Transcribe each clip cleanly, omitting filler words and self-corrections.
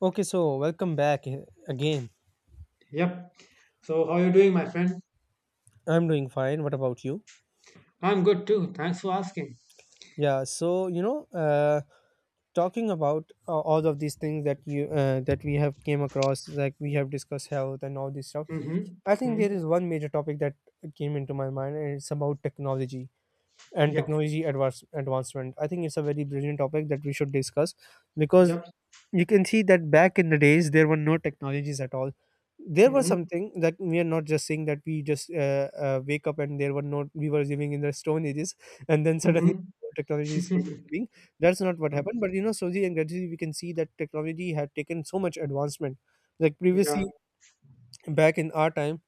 Okay, so welcome back again. Yep. So how you doing, my friend? I'm doing fine. What about you? I'm good too. Thanks for asking. Yeah, so talking about all of these things that we have came across, like we have discussed health and all this stuff. Mm-hmm. I think Mm-hmm. there is one major topic that came into my mind, and it's about technology and Yep. technology advancement. I think it's a very brilliant topic that we should discuss, because Yep. you can see that back in the days there were no technologies at all. There was Mm-hmm. something that we are not just saying that we just wake up and there were no we were living in the stone ages. And then suddenly Mm-hmm. technologies came into being. That's not what happened, but slowly and gradually we can see that technology had taken so much advancement. Like Yeah. previously back in our time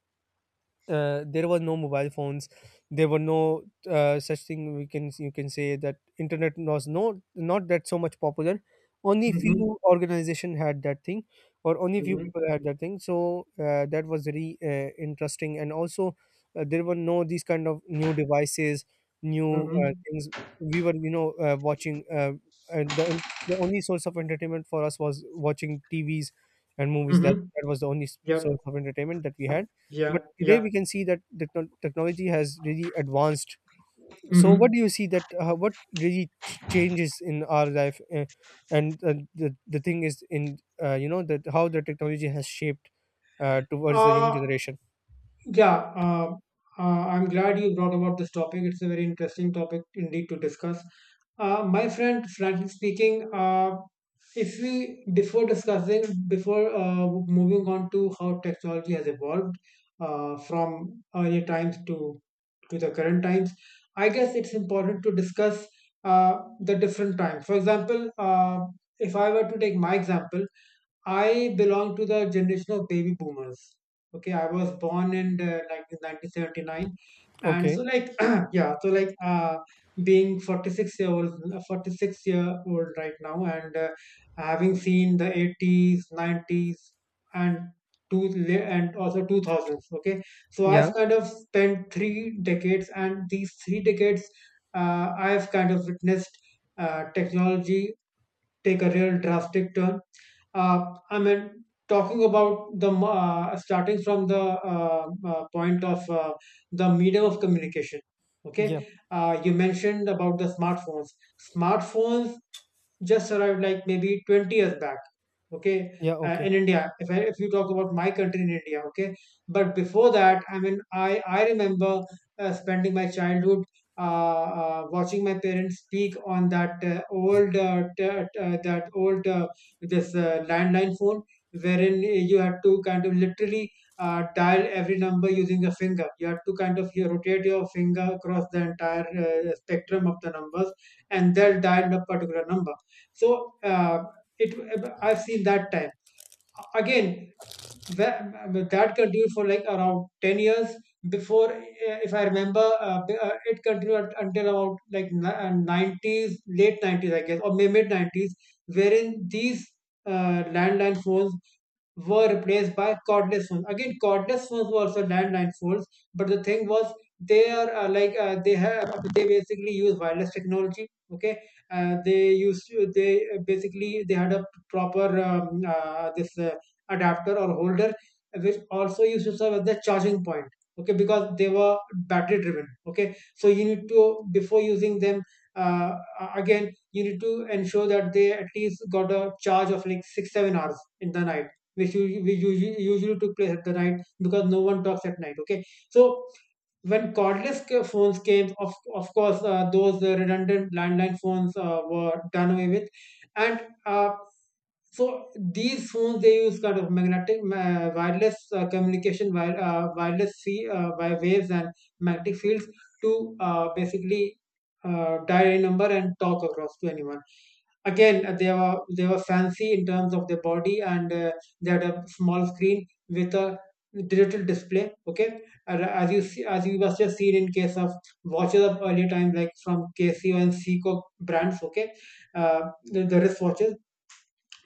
there were no mobile phones. There were no such thing, we can you can say that internet was not that so much popular. Only Mm-hmm. few organization had that thing, or only few people Mm-hmm. had that thing. So that was very interesting, and also there were no these kind of new devices, new Mm-hmm. things. We were watching and the only source of entertainment for us was watching T V's and movies. that Mm-hmm. that was the only s- Yep. source of entertainment that we had. Yeah. But today Yeah. we can see that the technology has really advanced. So Mm-hmm. what do you see that what really changes in our life, and the thing is, in that how the technology has shaped towards the young Uh generation. Yeah, uh, I'm glad you brought about this topic. It's a very interesting topic indeed to discuss. My friend, frankly speaking, if we before discussing before moving on to how technology has evolved from earlier times to the current times, I guess it's important to discuss the different times. For example, if I were to take my example, I belong to the generation of baby boomers. Okay, I was born in like 1979, and so Okay. like yeah, so like being 46-year-old, 46-year-old right now, and having seen the 80s, 90s, and two and also 2000s. Okay, so Yeah. I've kind of spent three decades, and these three decades, I've kind of witnessed technology take a real drastic turn. I mean, talking about starting from the point of the medium of communication. Yeah. Okay, you mentioned about the smartphones. Smartphones just arrived like maybe 20 years back. Okay, Yeah. Okay. in India, if you talk about my country, in India. Okay, but before that, I mean, I remember spending my childhood uh, watching my parents speak on that old t- that old this landline phone, wherein you had to kind of literally dial every number using your finger. You had to kind of, you rotate your finger across the entire spectrum of the numbers, and they'll dial a particular number. So it I've seen that time. Again, that, that continued for like around 10 years before if I remember it continued until about like 90s, late 90s I guess, or mid 90s, wherein these landline phones were replaced by cordless phones. Again, cordless phones were also landline phones, but the thing was they are like they have they basically use wireless technology. Okay, they used to- they basically, they had a proper this adapter or holder, which also used to serve as the charging point. Okay, because they were battery driven. Okay, so you need to, before using them, uh, again, you need to ensure that they at least got a charge of like 6 7 hours in the night, which which usually took place at the night, because no one talks at night. Okay, so when phones came, of course those redundant landline phones were done away with. And so these phones, they use kind of wireless communication wire, wireless sea, wi- waves and magnetic fields to basically dial a number and talk across to anyone. Again, they were, they were fancy in terms of their body. And they had a small screen with a digital display. Okay, and as you see, as you must have seen in case of watches of earlier time, like from Casio and Seiko brands. Okay, uh, the wristwatches.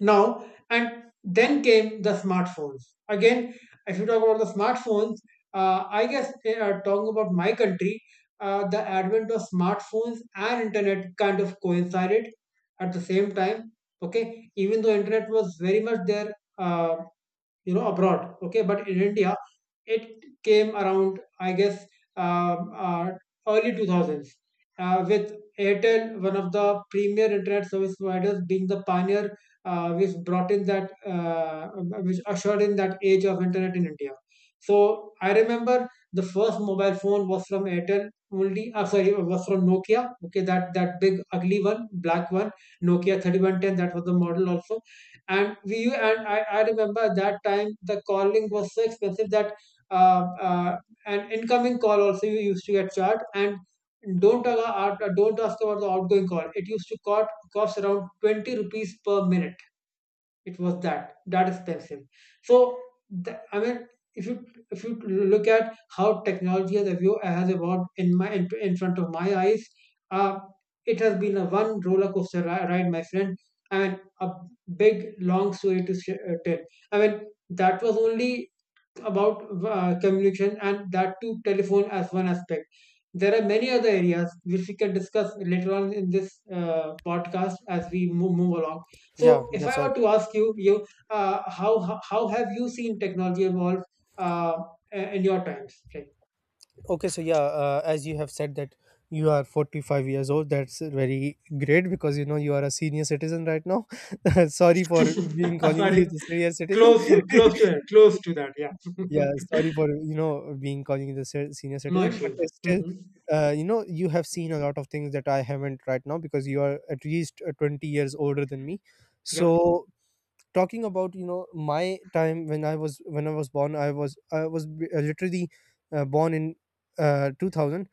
Now, and then came the smartphones. Again, if you talk about the smartphones, I guess, talking about my country, the advent of smartphones and internet kind of coincided at the same time. Okay, even though internet was very much there uh, you know, abroad. Okay, but in India, it came around I guess um, uh, early 2000s with Airtel, one of the premier internet service providers, being the pioneer, uh, which brought in that uh, which ushered in that age of internet in India. So I remember the first mobile phone was from Airtel only. I'm sorry, it was from Nokia. Okay, that, that big ugly one, black one, Nokia 3110. That was the model also. And we and I remember at that time the calling was so expensive that uh, uh, an incoming call also you used to get charged. And don't ask about the outgoing call. It used to cost around 20 rupees per minute. It was that, that expensive. So the, I mean, if you if you look at how technology has has evolved in my, in front of my eyes, uh, it has been a one roller coaster ride, my friend, and a big long story to tell. I mean, that was only about communication, and that too telephone as one aspect. There are many other areas which we can discuss later on in this podcast as we move along. Yeah, So, if that's I right. were to ask you, how have you seen technology evolve uh, in your times? Okay. Okay, so yeah, as you have said that you are 45 years old. That's very great, because you are a senior citizen right now. Sorry for being calling you Sorry, the senior citizen. Close to that. Yeah, Yeah, sorry for, being calling you the senior no citizen, but issues. it's still, Hmm. You have seen a lot of things that I haven't right now, because you are at least 20 years older than me. Yep. So talking about, my time, when I was born. I was literally born in 2000,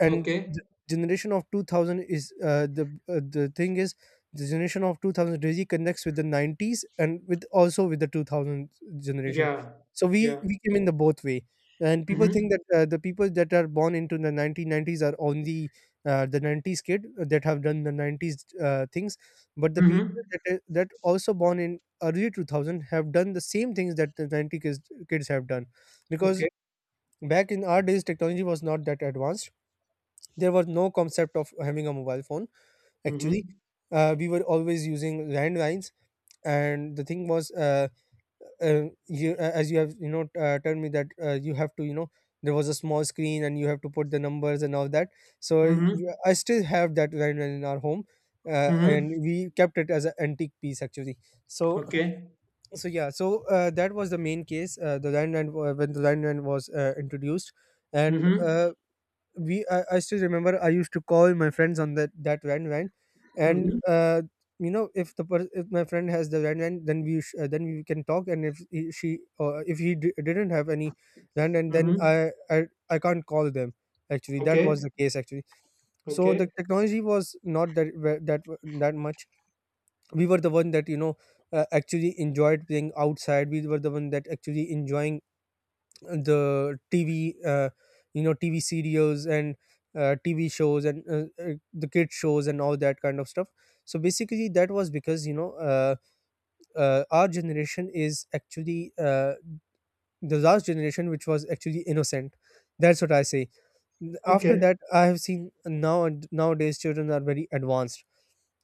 and the Okay. generation of 2000 is, the, the thing is, the generation of 2000 really connects with the 90s, and with also with the 2000 generation. Yeah. So we Yeah. we came in the both way, and people Mm-hmm. think that the people that are born into the 1990s are only the 90s kid that have done the 90s things. But the people Mm-hmm. That also born in early 2000 have done the same things that the 90 kids have done. Because Okay. back in our days technology was not that advanced. There was no concept of having a mobile phone, Mm-hmm. actually. We were always using landlines, and the thing was, you as you have, told me that, you have to, there was a small screen and you have to put the numbers and all that. So Mm-hmm. I still have that landline in our home, Mm-hmm. and we kept it as an antique piece, actually. so Okay. so yeah, so that was the main case. The when the landline was introduced, and Mm-hmm. I still remember, I used to call my friends on that van van, and Mm-hmm. If if my friend has the van van, then then we can talk, and if he, she, or if he didn't have any van, and then Mm-hmm. I can't call them. Actually, that Okay. was the case. Actually, so Okay. the technology was not that ve- that that much. We were the one that actually enjoyed playing outside. We were the one that actually enjoying the TV, TV serials, and TV shows, and the kid shows, and all that kind of stuff. So basically, that was because our generation is actually the last generation which was actually innocent. That's what I say. After Okay. that, I have seen, now nowadays children are very advanced.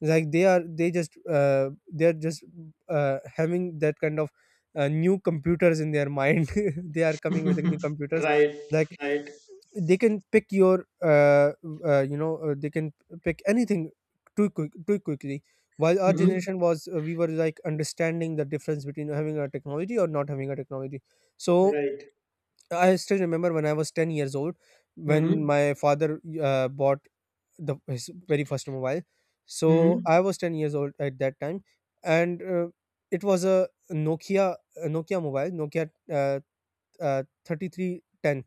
Like they're just having that kind of new computers in their mind. They are coming with the new computers. Right. Like Right. they can pick your they can pick anything too quickly, while our Mm-hmm. generation was, we were, like, understanding the difference between having a technology or not having a technology. So Right. I still remember when I was 10 years old, when Mm-hmm. my father bought the his very first mobile. So Mm-hmm. I was 10 years old at that time, and it was a Nokia, a Nokia mobile, Nokia 3310.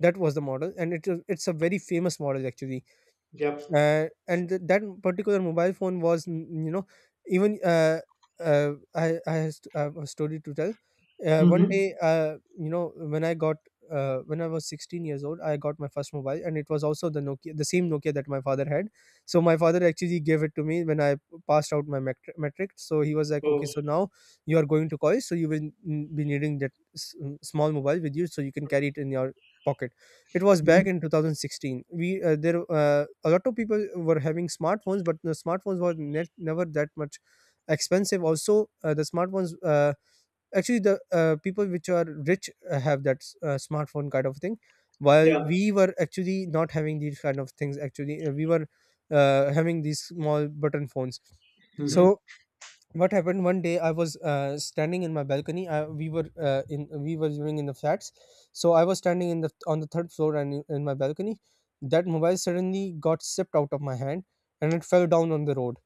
That was the model, and it's a very famous model, actually. Yep. And that particular mobile phone was even I have a story to tell. One day, Mm-hmm. When I got when I was 16 years old I got my first mobile, and it was also the same Nokia that my father had. So my father actually gave it to me when I passed out my metric. So he was like, okay, Oh. so now you are going to college, so you will be needing that small mobile with you, so you can carry it in your pocket. It was Mm-hmm. back in 2016. We there a lot of people were having smartphones, but the smartphones were never that much expensive. Also, the smartphones, actually, the people which are rich have that smartphone kind of thing, while Yeah. we were actually not having these kind of things. Actually, we were having these small button phones. Mm-hmm. So, what happened one day, I was standing in my balcony. I, we were in We were living in the flats, so I was standing in the on the third floor, and in my balcony, that mobile suddenly got slipped out of my hand, and it fell down on the road.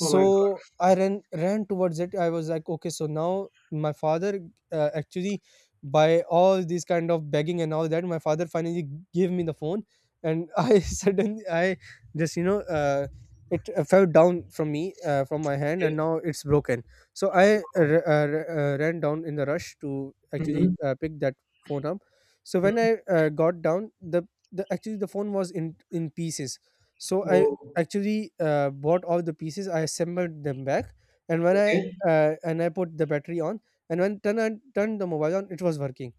Oh my God. I ran towards it. I was like, okay, so now my father, actually, by all these kind of begging and all that, my father finally gave me the phone, and I suddenly I just it fell down from me, from my hand, Okay. and now it's broken. So I Wow. Ran down in the rush to actually Mm-hmm. Pick that phone up. So when Mm-hmm. I got down, the actually the phone was in pieces. So I Oh. actually bought all the pieces. I assembled them back, and when I Okay. and I put the battery on, and when turn I turned the mobile on, it was working.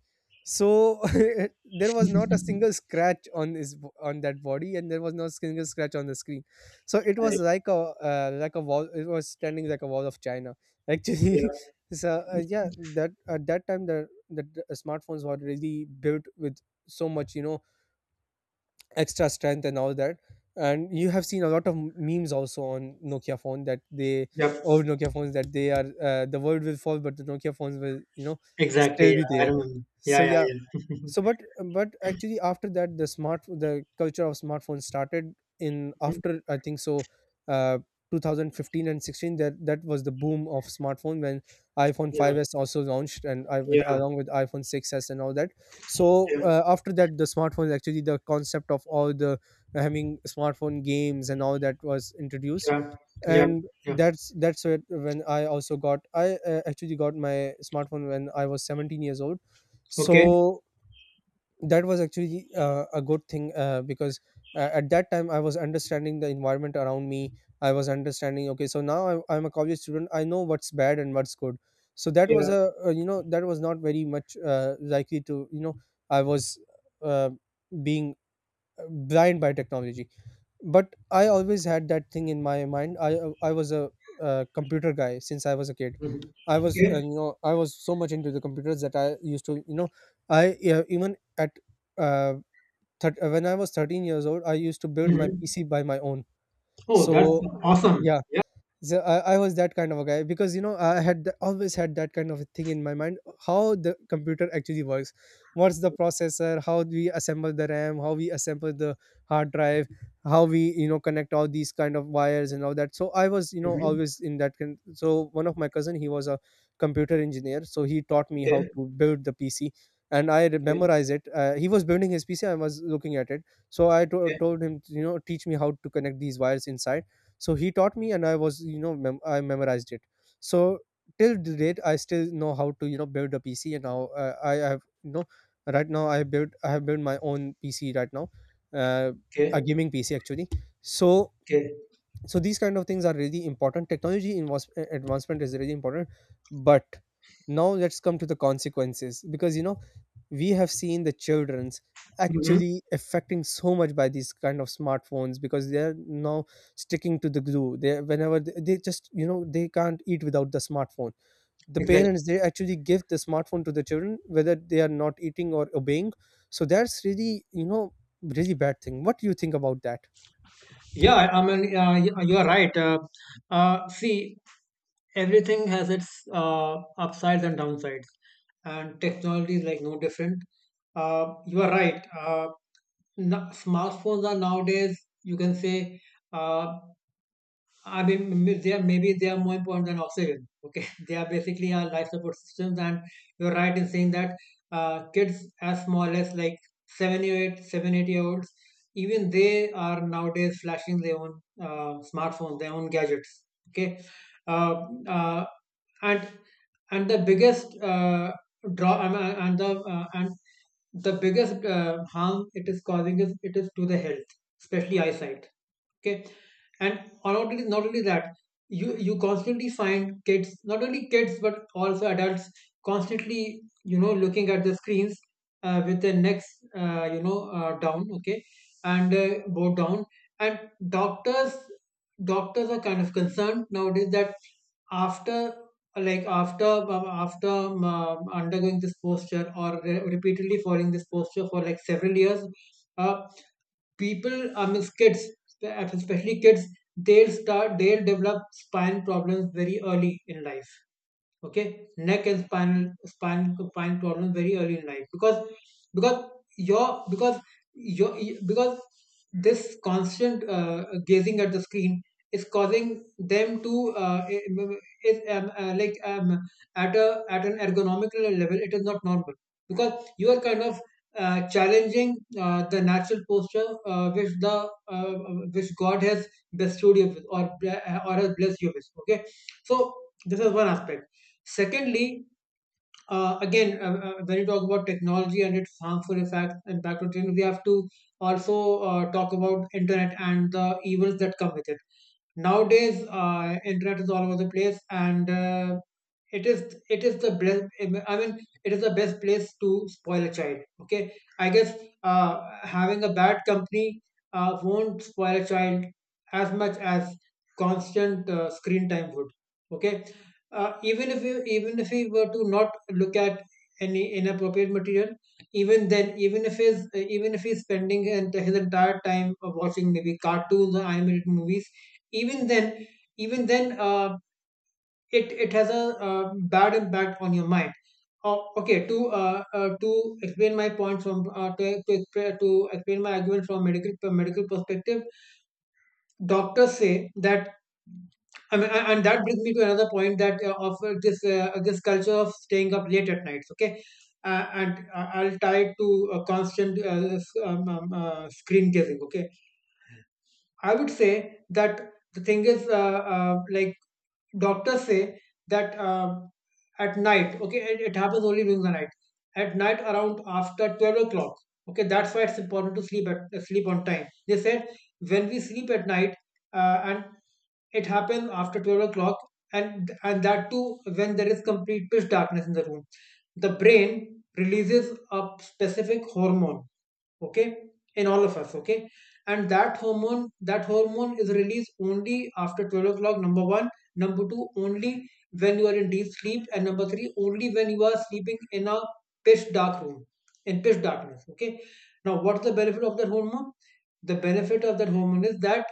So there was not a single scratch on on that body, and there was no single scratch on the screen. So it Right. was like a, like a wall. It was standing like a wall of China, actually. Yeah. So yeah, that at that time the smartphones were really built with so much, extra strength, and all that. And you have seen a lot of memes also on Nokia phone, that they Yep. old Nokia phones, that they are, the world will fall but the Nokia phones will, Exactly. still Yeah. be I there. remember. So Yeah. Yeah. yeah. Yeah. So, but actually, after that, the culture of smartphones started in, Hmm. after I think so, uh, 2015 and 16. That was the boom of smartphone, when iPhone Yeah. five s also launched, and I with Yeah. along with iPhone 6s, and all that. So Yeah. uh, after that, the smartphones actually the concept of all the having smartphone games and all that was introduced. Yeah. Yeah. And Yeah. that's where when I also got I actually got my smartphone when I was 17 years old. Okay. So that was actually a good thing because at that time, I was understanding the environment around me. I was understanding, okay, so now I'm a college student. I know what's bad and what's good. So that was Yeah. a you know that was not very much likely to. I was uh, being blind by technology. But I always had that thing in my mind. I was a computer guy since I was a kid. Mm-hmm. i was uh, Okay. you know i was so much into the computers that I used to. I even at uh, thir- when I was 13 years old, I used to build my Mm-hmm. PC by my own. Oh, that's So awesome. yeah. So I was that kind of a guy because you know I always had that kind of a thing in my mind. How the computer actually works, what's the processor, how we assemble the RAM, how we assemble the hard drive, how we you know connect all these kind of wires and all that. So I was you know Mm-hmm. always in that kind. So one of my cousin, he was a computer engineer, so he taught me how Okay. to build the PC. And I Okay. memorize it. He was building his PC. I was looking at it, so I Okay, told him, you know, teach me how to connect these wires inside. So he taught me, and I was you know I memorized it. So till the date, I still know how to you know build a PC. And now I have you know right now I have built my own PC right now, uh, a okay, gaming PC actually. So okay. so these kind of things are really important. Technology advancement is really important. But now let's come to the consequences because you know we have seen the children's Hmm. actually affecting so much by these kind of smartphones because they're now sticking to the glue. They, whenever they just you know they can't eat without the smartphone. The Exactly. parents, they actually give the smartphone to the children whether they are not eating or obeying. So that's really you know really bad thing. What do you think about that? Yeah, I mean, you're right. See, everything has its upsides and downsides, and technology is like no different. You are right. No, smartphones are nowadays, you can say, uh, I mean, maybe they are more important than oxygen. Okay, they are basically our life support systems. And you're right in saying that kids, as small as like seven, 8 year olds, even they are nowadays flashing their own smartphones, their own gadgets. Okay, uh, uh, and the biggest draw, I mean, and the biggest harm it is causing is, it is to the health, especially eyesight. Okay, and not only that, you constantly find kids, not only kids but also adults, constantly, you know, looking at the screens with their necks down. Okay, and bowed down. And doctors doctors are kind of concerned nowadays that after after after undergoing this posture, or repeatedly following this posture for like several years, uh, people, I mean, kids, especially kids, they'll develop spine problems very early in life. Okay, neck and spinal spine spine problem very early in life, because your because your because this constant gazing at the screen is causing them to is like at a, at an ergonomical level, it is not normal, because you are kind of challenging the natural posture uh, which God has bestowed you with, or has blessed you with. Okay, so this is one aspect. Secondly, when you talk about technology and its harmful effect impact on children, we have to also talk about internet and the evils that come with it. Nowadays internet is all over the place. And it is, it is the best, I mean, it is the best place to spoil a child. Okay, I guess uh, having a bad company won't spoil a child as much as constant screen time would. Okay, even if we were to not look at any inappropriate material, even then, even if he's spending his entire time watching maybe cartoons or animated movies, even then, even then uh, it, it has a bad impact on your mind. Oh, okay to explain my point from to expre- to explain my argument from medical perspective, doctors say that, I mean, and that brings me to another point, that of this, this culture of staying up late at nights. Okay, and I'll tie it to a constant screen gazing. Okay, I would say that the thing is, like doctors say that, at night, okay, it happens only during the night, at night, around after 12 o'clock. Okay, that's why it's important to sleep on time, they said. When we sleep at night, and it happens after 12 o'clock. And that too, when there is complete pitch darkness in the room, the brain releases a specific hormone, okay, in all of us, okay. And that hormone is released only after 12 o'clock. Number one, number two, only when you are in deep sleep, and number three, only when you are sleeping in a pitch dark room, in pitch darkness, okay. Now, what's the benefit of that hormone? The benefit of that hormone is that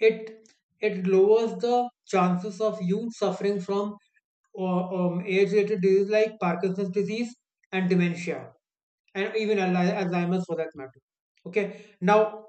it it lowers the chances of you suffering from, or age-related diseases like Parkinson's disease and dementia, and even Alzheimer's, for that matter. Okay. Now,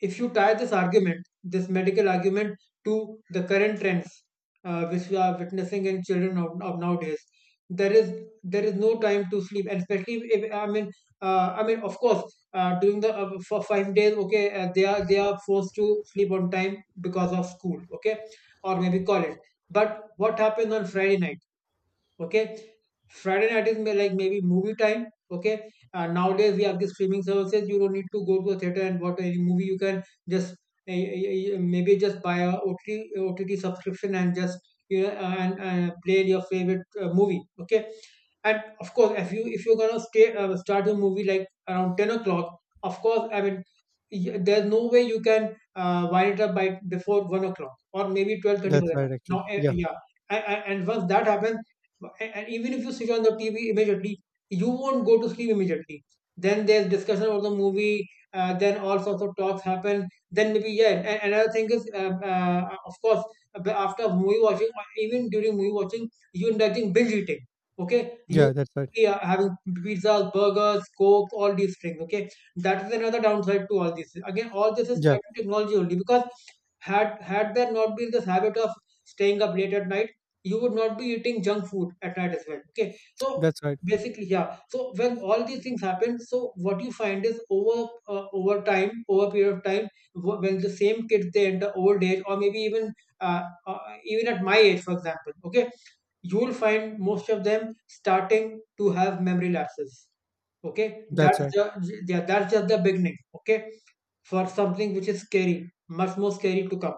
if you tie this argument, this medical argument, to the current trends, which we are witnessing in children of nowadays, there is, no time to sleep. And especially, if I mean, I mean, of course, during the for 5 days, okay, they are forced to sleep on time because of school, okay, or maybe college. But what happens on Friday night? Okay, Friday night is, like maybe, movie time, okay. Nowadays we have the streaming services. You don't need to go to a theater and watch any movie. You can just uh, uh, maybe just buy a OTT subscription and just and play your favorite movie, okay. And of course, if you're gonna stay start your movie like around 10 o'clock, of course, I mean, there's no way you can wind it up by before 1 o'clock, or maybe 12:30, for That's that right, matter. Now, actually. Yeah. yeah. And once that happens, and even if you switch on the TV immediately, you won't go to sleep immediately. Then there's discussion about the movie. Then all sorts of talks happen. Then maybe, yeah. And another thing is, of course, after movie watching, or even during movie watching, you indulging binge eating. Okay, you Yeah, that's right. are having pizzas, burgers, coke, all these things. Okay, that is another downside to all this. Again, all this is Yeah, tied to technology only because, had had there not been this habit of staying up late at night, you would not be eating junk food at night as well. Okay. So that's right. basically, yeah. So when all these things happen, so what you find is, over time, over a period of time, when the same kids, they enter old age, or maybe even, uh, uh, even at my age, for example. Okay, you will find most of them starting to have memory lapses. Okay, That's that's right. the, yeah, that's just the beginning. Okay, for something which is scary, much more scary to come,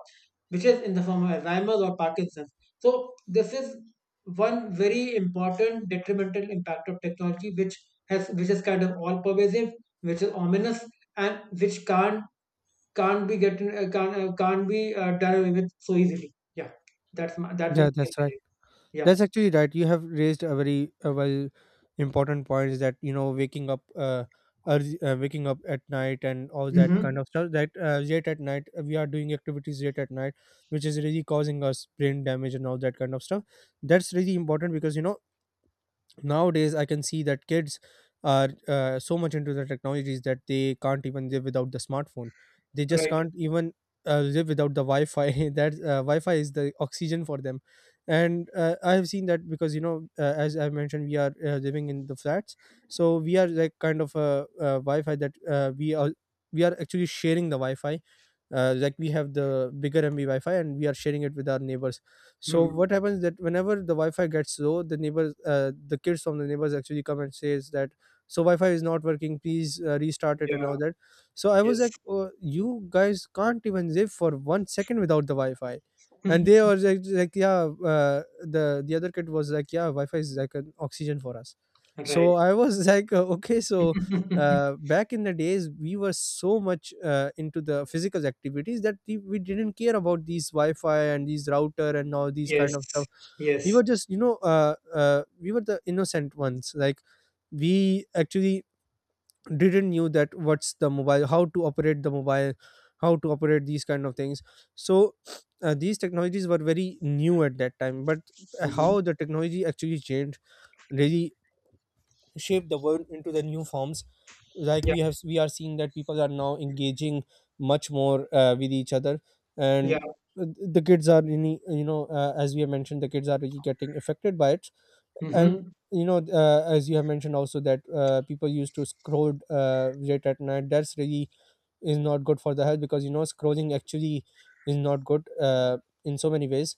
which is in the form of Alzheimer's or Parkinson's. So this is one very important detrimental impact of technology, which has which is kind of all pervasive, which is ominous, and which can't be done away with so easily. Yeah, that's that was Yeah, my that's opinion. right. Yeah. That's actually right. You have raised a very well important point is that you know waking up early, waking up at night and all that Mm-hmm. kind of stuff that late at night, we are doing activities late at night which is really causing us brain damage and all that kind of stuff. That's really important because you know nowadays I can see that kids are so much into the technologies that they can't even live without the smartphone. They just Right. can't even live without the wi-fi that wi-fi is the oxygen for them. And I have seen that because you know as I mentioned, we are living in the flats. So we are like kind of wi-fi that we are actually sharing the wi-fi. Like we have the bigger MB Wi-Fi, and we are sharing it with our neighbors. So Hmm. what happens that whenever the Wi-Fi gets low, the kids from the neighbors actually come and says that, so Wi-Fi is not working. Please restart it and Yeah. all that. So I was like, Yes. oh, you guys can't even live for 1 second without the Wi-Fi. And they were like, yeah, the other kid was like, yeah, Wi-Fi is like an oxygen for us. So Right. I was like, okay. So back in the days we were so much into the physical activities that we didn't care about these wi-fi and these router and all these Yes. kind of stuff. we Yes. were just you know uh, uh, we were the innocent ones. Like, we actually didn't knew that what's the mobile, how to operate the mobile, how to operate these kind of things. So these technologies were very new at that time, but Hmm. how the technology actually changed really shaped the world into the new forms. Like Yeah. We are seeing that people are now engaging much more with each other. Yeah. And the kids are really, as we have mentioned, the kids are really getting affected by it. And Mhm. you know as you have mentioned also that people used to scroll late at night, that's really is not good for the health because you know scrolling actually is not good in so many ways.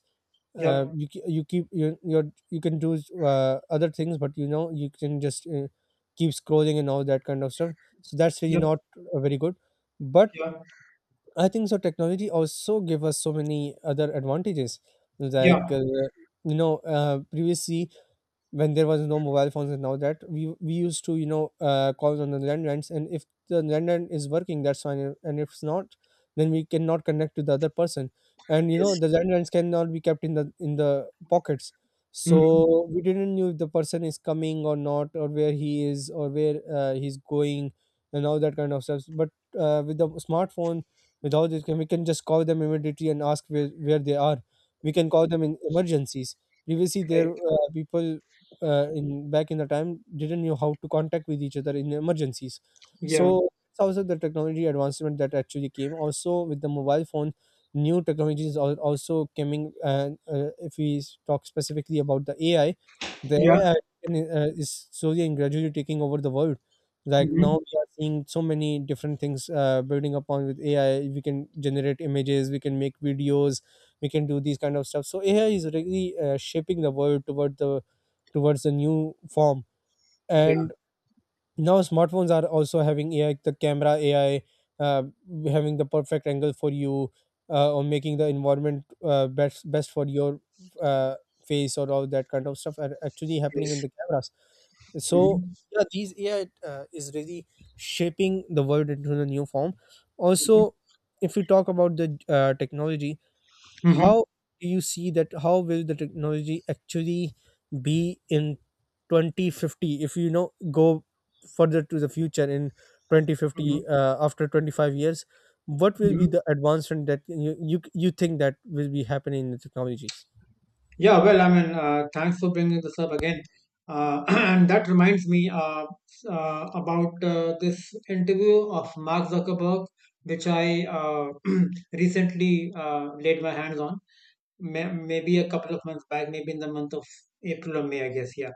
Yep. You ke- you keep you you You can do other things, but you know you can just keep scrolling and all that kind of stuff. So that's really Yep. not very good. But Yeah. I think so technology also give us so many other advantages. Like, Yeah. Previously when there was no mobile phones, and now that we used to you know call on the landlines, and if the landline is working, that's fine, and if it's not, then we cannot connect to the other person. And you know Yes. the landlines cannot be kept in the pockets. So Mm-hmm. we didn't know if the person is coming or not, or where he is or where he's going, and all that kind of stuff. But with the smartphone, with all this, we can just call them immediately and ask where they are. We can call them in emergencies. Previously there Right. People in Back in the time didn't know how to contact with each other in emergencies. Yeah. So it's also the technology advancement that actually came also with the mobile phone. New technologies are also coming. And if talk specifically about the AI, the Yeah. AI is slowly and gradually taking over the world. Like Mm-hmm. now we are seeing so many different things building upon. With AI we can generate images, we can make videos. We can do these kind of stuff. So AI is really shaping the world towards a new form. Yeah. And now smartphones are also having AI, the camera AI uh, having the perfect angle for you, or making the environment best for your uh, face or all that kind of stuff are actually happening in Yes. the cameras. So Mm-hmm. yeah, these AI is really shaping the world into a new form. Mm-hmm. Also, if we talk about the technology, Mm-hmm. how do you see that? How will the technology actually be in 2050? If you know, go further to the future in Mm-hmm. 2050, after 25 years, what will be Hmm. the advancement that you think that will be happening in the technologies? Yeah. Well, I mean, thanks for bringing this up again. And that reminds me, about this interview of Mark Zuckerberg, which I recently laid my hands on. Maybe a couple of months back, maybe in the month of April or May, I guess, yeah,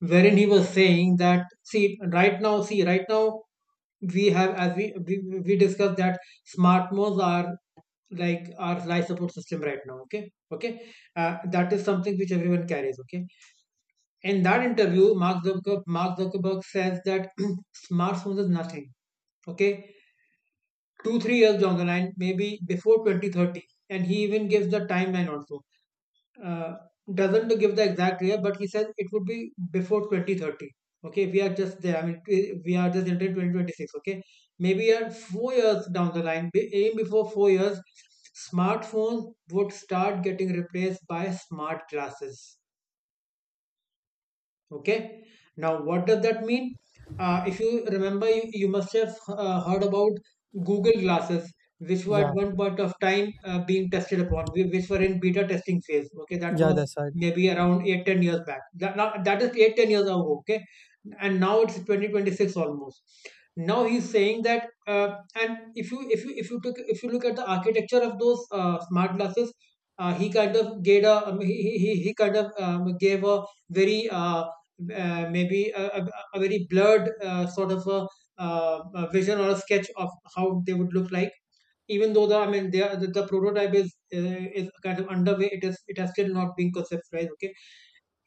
wherein he was saying that, see, right now, we have, as we discussed that smartphones are like our life support system right now, okay? Okay. That is something which everyone carries, okay? In that interview, Mark Zuckerberg says that smartphones is nothing, okay? Two, 3 years down the line, maybe before 2030. And he even gives the timeline also, uh, doesn't give the exact year, but he says it would be before 2030. Okay, we are just there. I mean, we are just entering 2026. Okay, maybe at 4 years down the line, be- aim before 4 years, smartphones would start getting replaced by smart glasses, okay. Now what does that mean? If you remember, you must have heard about Google Glasses, which were at Yeah, one point of time being tested upon, which were in beta testing phase, okay. That yeah, was that's right. maybe around 8-10 years back. That is 8-10 years ago, okay, and now it's 2026 almost. Now he's saying that, and if you look at the architecture of those smart glasses, he kind of gave very uh, uh, maybe a, a, a very blurred sort of a vision or a sketch of how they would look like. Even though the, I mean, they are, the prototype is, is kind of underway, it has still not been conceptualized. Okay,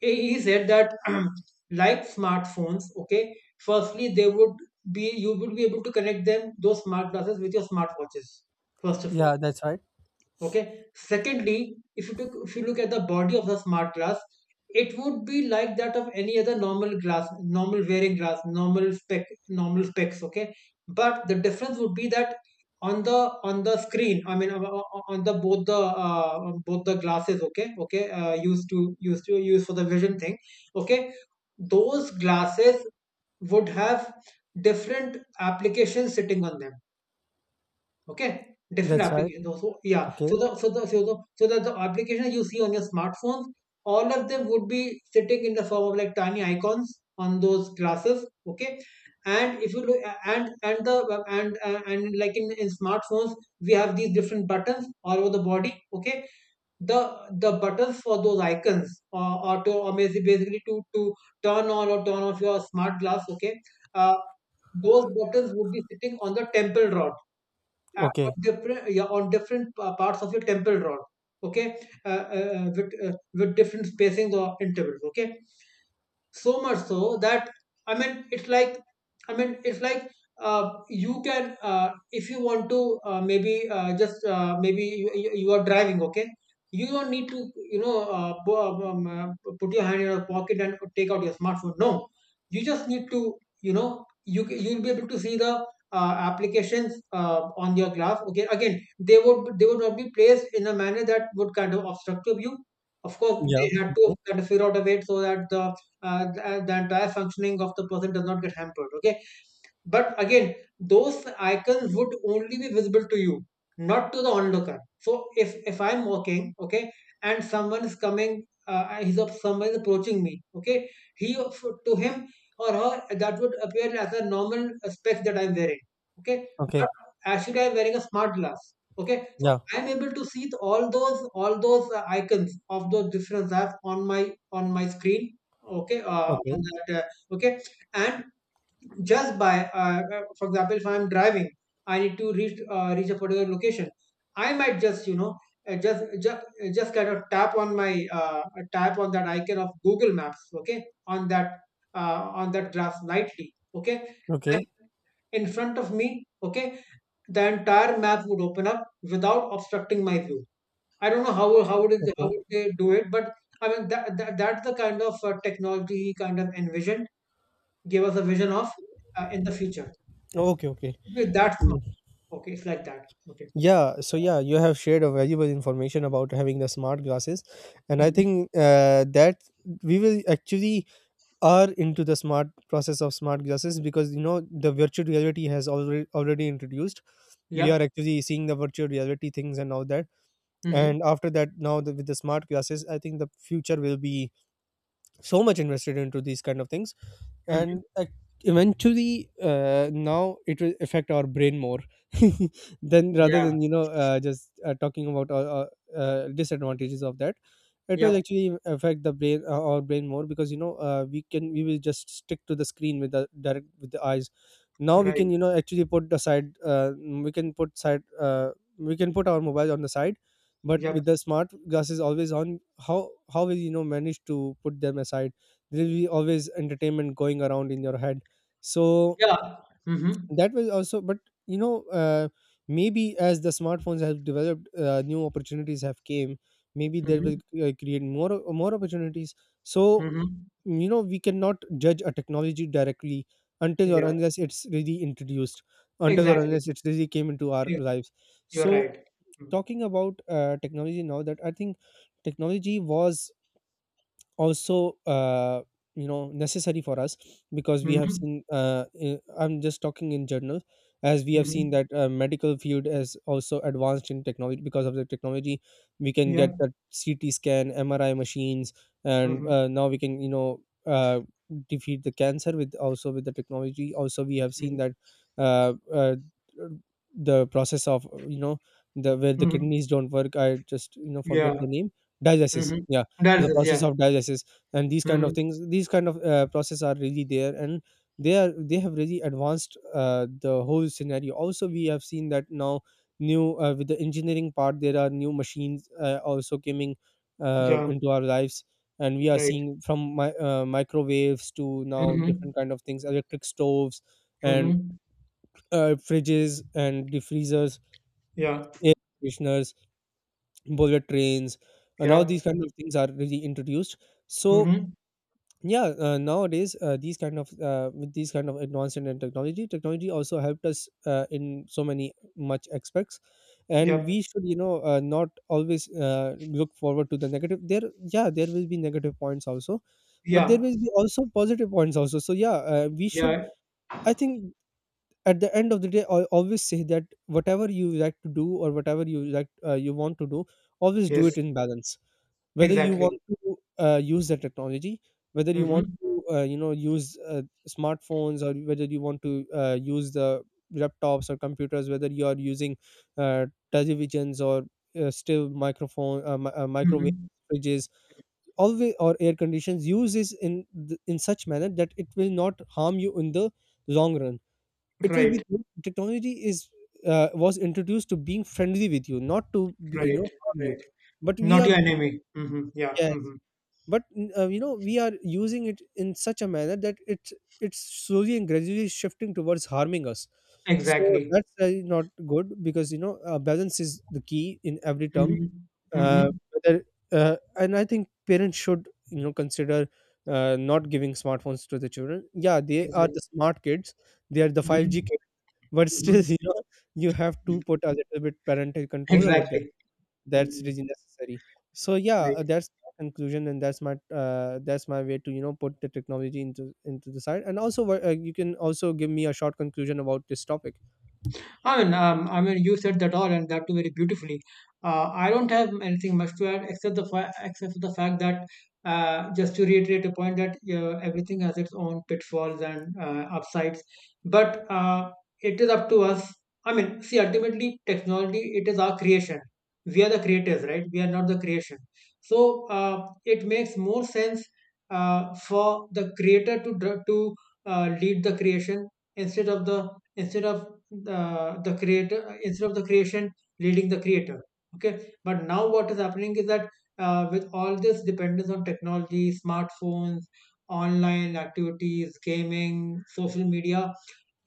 he said that like smartphones, okay, firstly they would be, you would be able to connect them, those smart glasses, with your smartwatches first of all, Yeah, that's right. okay. Secondly, if you look at the body of the smart glass, it would be like that of any other normal glass, normal wearing glass, normal specs, okay. But the difference would be that on the, screen, I mean, on the both the, both the glasses, okay, okay, used to use for the vision thing, okay, those glasses would have different applications sitting on them, okay. Different That's right. applications. Okay, So that the applications you see on your smartphones, all of them would be sitting in the form of like tiny icons on those glasses, okay. And if you look, and the and like in smartphones, we have these different buttons all over the body, okay. The the buttons for those icons, or to or basi- basically to turn on or turn off your smart glass, okay. uh, those buttons would be sitting on the temple rod, of okay. different yeah, on different parts of your temple rod, okay. uh, with different spacings or intervals, okay. So much so that, I mean, it's like, i mean it's like you can, if you want to, maybe you, you are driving, okay. You don't need to, put your hand in your pocket and take out your smartphone. No, you just need to, you'll be able to see the applications on your glass, okay. Again, they would not be placed in a manner that would kind of obstruct your view. Of course, Yeah, they okay, had to figure out a way so that the, the entire functioning of the person does not get hampered, okay. But again, those icons would only be visible to you, not to the onlooker. So if I'm walking, okay, and someone is coming, someone is approaching me, okay, he to him or her, that would appear as a normal specs that I'm wearing, okay. But okay. actually, I'm wearing a smart glass. Okay, so Yeah, I'm able to see all those, icons of those different apps on my screen. Okay, on okay, that, okay, and just by, for example, if I'm driving, I need to reach a particular location. I might just, uh, just just just kind of tap on my tap on that icon of Google Maps, okay, on that, on that graph lightly, okay. okay, And in front of me, okay, the entire map would open up without obstructing my view. I don't know how, how okay, would they do it, but I mean that, that's the kind of technology he kind of envisioned, gave us a vision of, in the future. okay, It okay. would be that smart. Okay, it's like that. Okay. Yeah. So yeah, you have shared a valuable information about having the smart glasses. And I Hmm. think that we will actually are into the smart process of smart glasses because you know the virtual reality has already introduced. We Yep. are actually seeing the virtual reality things and all that. Hmm. And after that, now with the smart glasses, I think the future will be so much invested into these kind of things. Hmm. And eventually now it will affect our brain more then rather Yeah. than you know just talking about disadvantages of that. It will Yep. actually affect the brain our brain more because you know we will just stick to the screen with the eyes. Now we Right. can you know actually put the side we can put our mobile on the side. But Yep. with the smart glasses always on, how will you know manage to put them aside? There will be always entertainment going around in your head. So Yeah. Hmm. that was also. But you know maybe as the smartphones have developed, new opportunities have came. Maybe there will Hmm. Create more opportunities. So Hmm. you know we cannot judge a technology directly until or Yeah. unless it's really introduced, until or Exactly. unless it's really came into our Yeah. lives. You're So right. talking about technology, now that I think, technology was also you know necessary for us. Because we have Mm-hmm. seen I'm just talking in general. As we have seen Hmm. that medical field is also advanced in technology. Because of the technology, we can Yeah. get the CT scan, MRI machines. And Hmm. Now we can you know uh, defeat the cancer with, also with the technology. Also we have seen that Hmm. uh, uh, the process of you know the where the kidneys don't work. I just you know forget Yeah. the name. Dialysis, Hmm. yeah. That The is, process yeah. of dialysis and these kind of Hmm. things, these kind of process are really there. And they have really advanced the whole scenario. Also we have seen that now new with the engineering part, there are new machines also coming Yeah. into our lives. And we are Right. seeing from microwaves to now Hmm. different kind of things, electric stoves, and Hmm. Fridges and defreezers, Yeah. air conditioners, bullet trains, and all Yeah. these kind of things are really introduced. So Hmm. yeah, nowadays these kind of with these kind of advancement in technology, technology also helped us in so many much aspects. And Yep. we should you know not always look forward to the negative there. Yeah, there will be negative points also, but there Yeah. will be also positive points also. So yeah, we should, Yeah. I think, at the end of the day, I always say that whatever you like to do, or whatever you like, you want to do, always do Yes. it in balance. Whether you Exactly. want to use the technology, whether you want Hmm. to you know use smartphones, or whether you want to use the laptops or computers, whether you are using uh, televisions or still microwave, Hmm. fridges always, or air conditions, use this in such manner that it will not harm you in the long run. It will Right. be Technology is was introduced to being friendly with you, not to you Right. know harm you. Right. But we Not are. your enemy. Hmm. Yeah. Yes. Hmm. But you know we are using it in such a manner that it's slowly and gradually shifting towards harming us. So Exactly. that's not good because you know balance is the key in every term. Hmm. Hmm. uh, whether, and I think parents should you know consider not giving smartphones to the children. Yeah, they are Exactly. the smart kids, they are the 5G Hmm. kids but Hmm. still you know you have to put a little bit parental control over them. Exactly. That's Hmm. really necessary. So yeah, that's my conclusion and that's my way to you know put the technology into the side. And also you can also give me a short conclusion about this topic. I mean, you said that all, and that too very beautifully. I don't have anything much to add, except for the fact that, just to reiterate a point that, everything has its own pitfalls and, upsides, but, it is up to us. I mean, see, ultimately, technology, it is our creation. We are the creators, right? We are not the creation. So, it makes more sense, for the creator to, lead the creation, instead of the, instead of creator, instead of the creation leading the creator, okay. But now what is happening is that, with all this dependence on technology, smartphones, online activities, gaming, social media,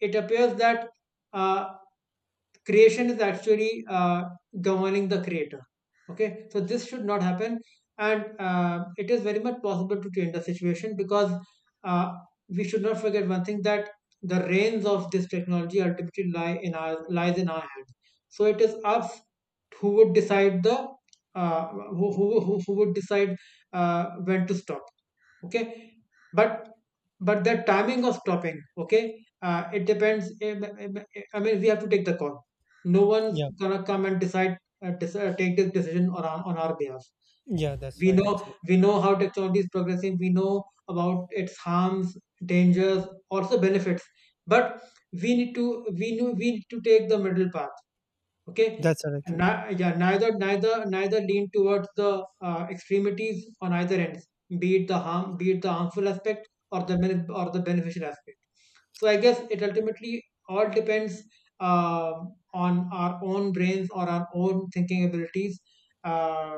it appears that, uh, creation is actually, governing the creator, okay. So this should not happen. And, it is very much possible to change the situation, because, uh, we should not forget one thing, that the reins of this technology ultimately lies in our hands. So it is us who would decide the, uh, who would decide, when to stop, okay. But but the timing of stopping, okay, it depends, I mean, we have to take the call. No one's Yeah, gonna come and decide, take this decision on on our behalf. yeah, that's we right. know Actually, we know how technology is progressing. We know about its harms, dangers, also benefits. But we need to, we need to take the middle path, okay. that's right. And Actually, yeah, neither lean towards the extremities on either ends, be it the harmful aspect, or the or the beneficial aspect. So I guess, it ultimately all depends, um on our own brains or our own thinking abilities. uh,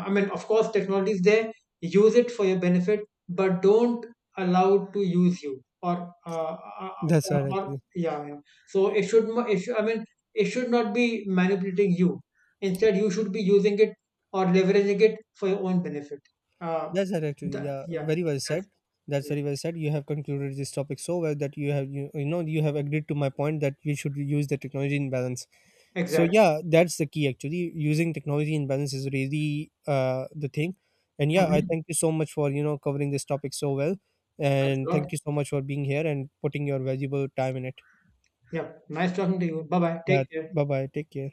I mean, of course, technology is there. Use it for your benefit, but don't allow it to use you, or, uh, that's right. Actually, yeah, yeah. So it should, I mean, it should not be manipulating you. Instead, you should be using it, or leveraging it for your own benefit. Uh, that's right. Actually, the, yeah, yeah, very well that's said. That's very well said. You have concluded this topic so well that you know you have agreed to my point that you should use the technology in balance. So exactly. yeah, that's the key. Actually, using technology in balance is really the thing. And yeah, I Mhm. thank you so much for you know covering this topic so well. Thanks And a lot. thank you so much for being here and putting your valuable time in it. Yeah, nice talking to you. Bye bye. Yeah, Take care. bye bye, take care.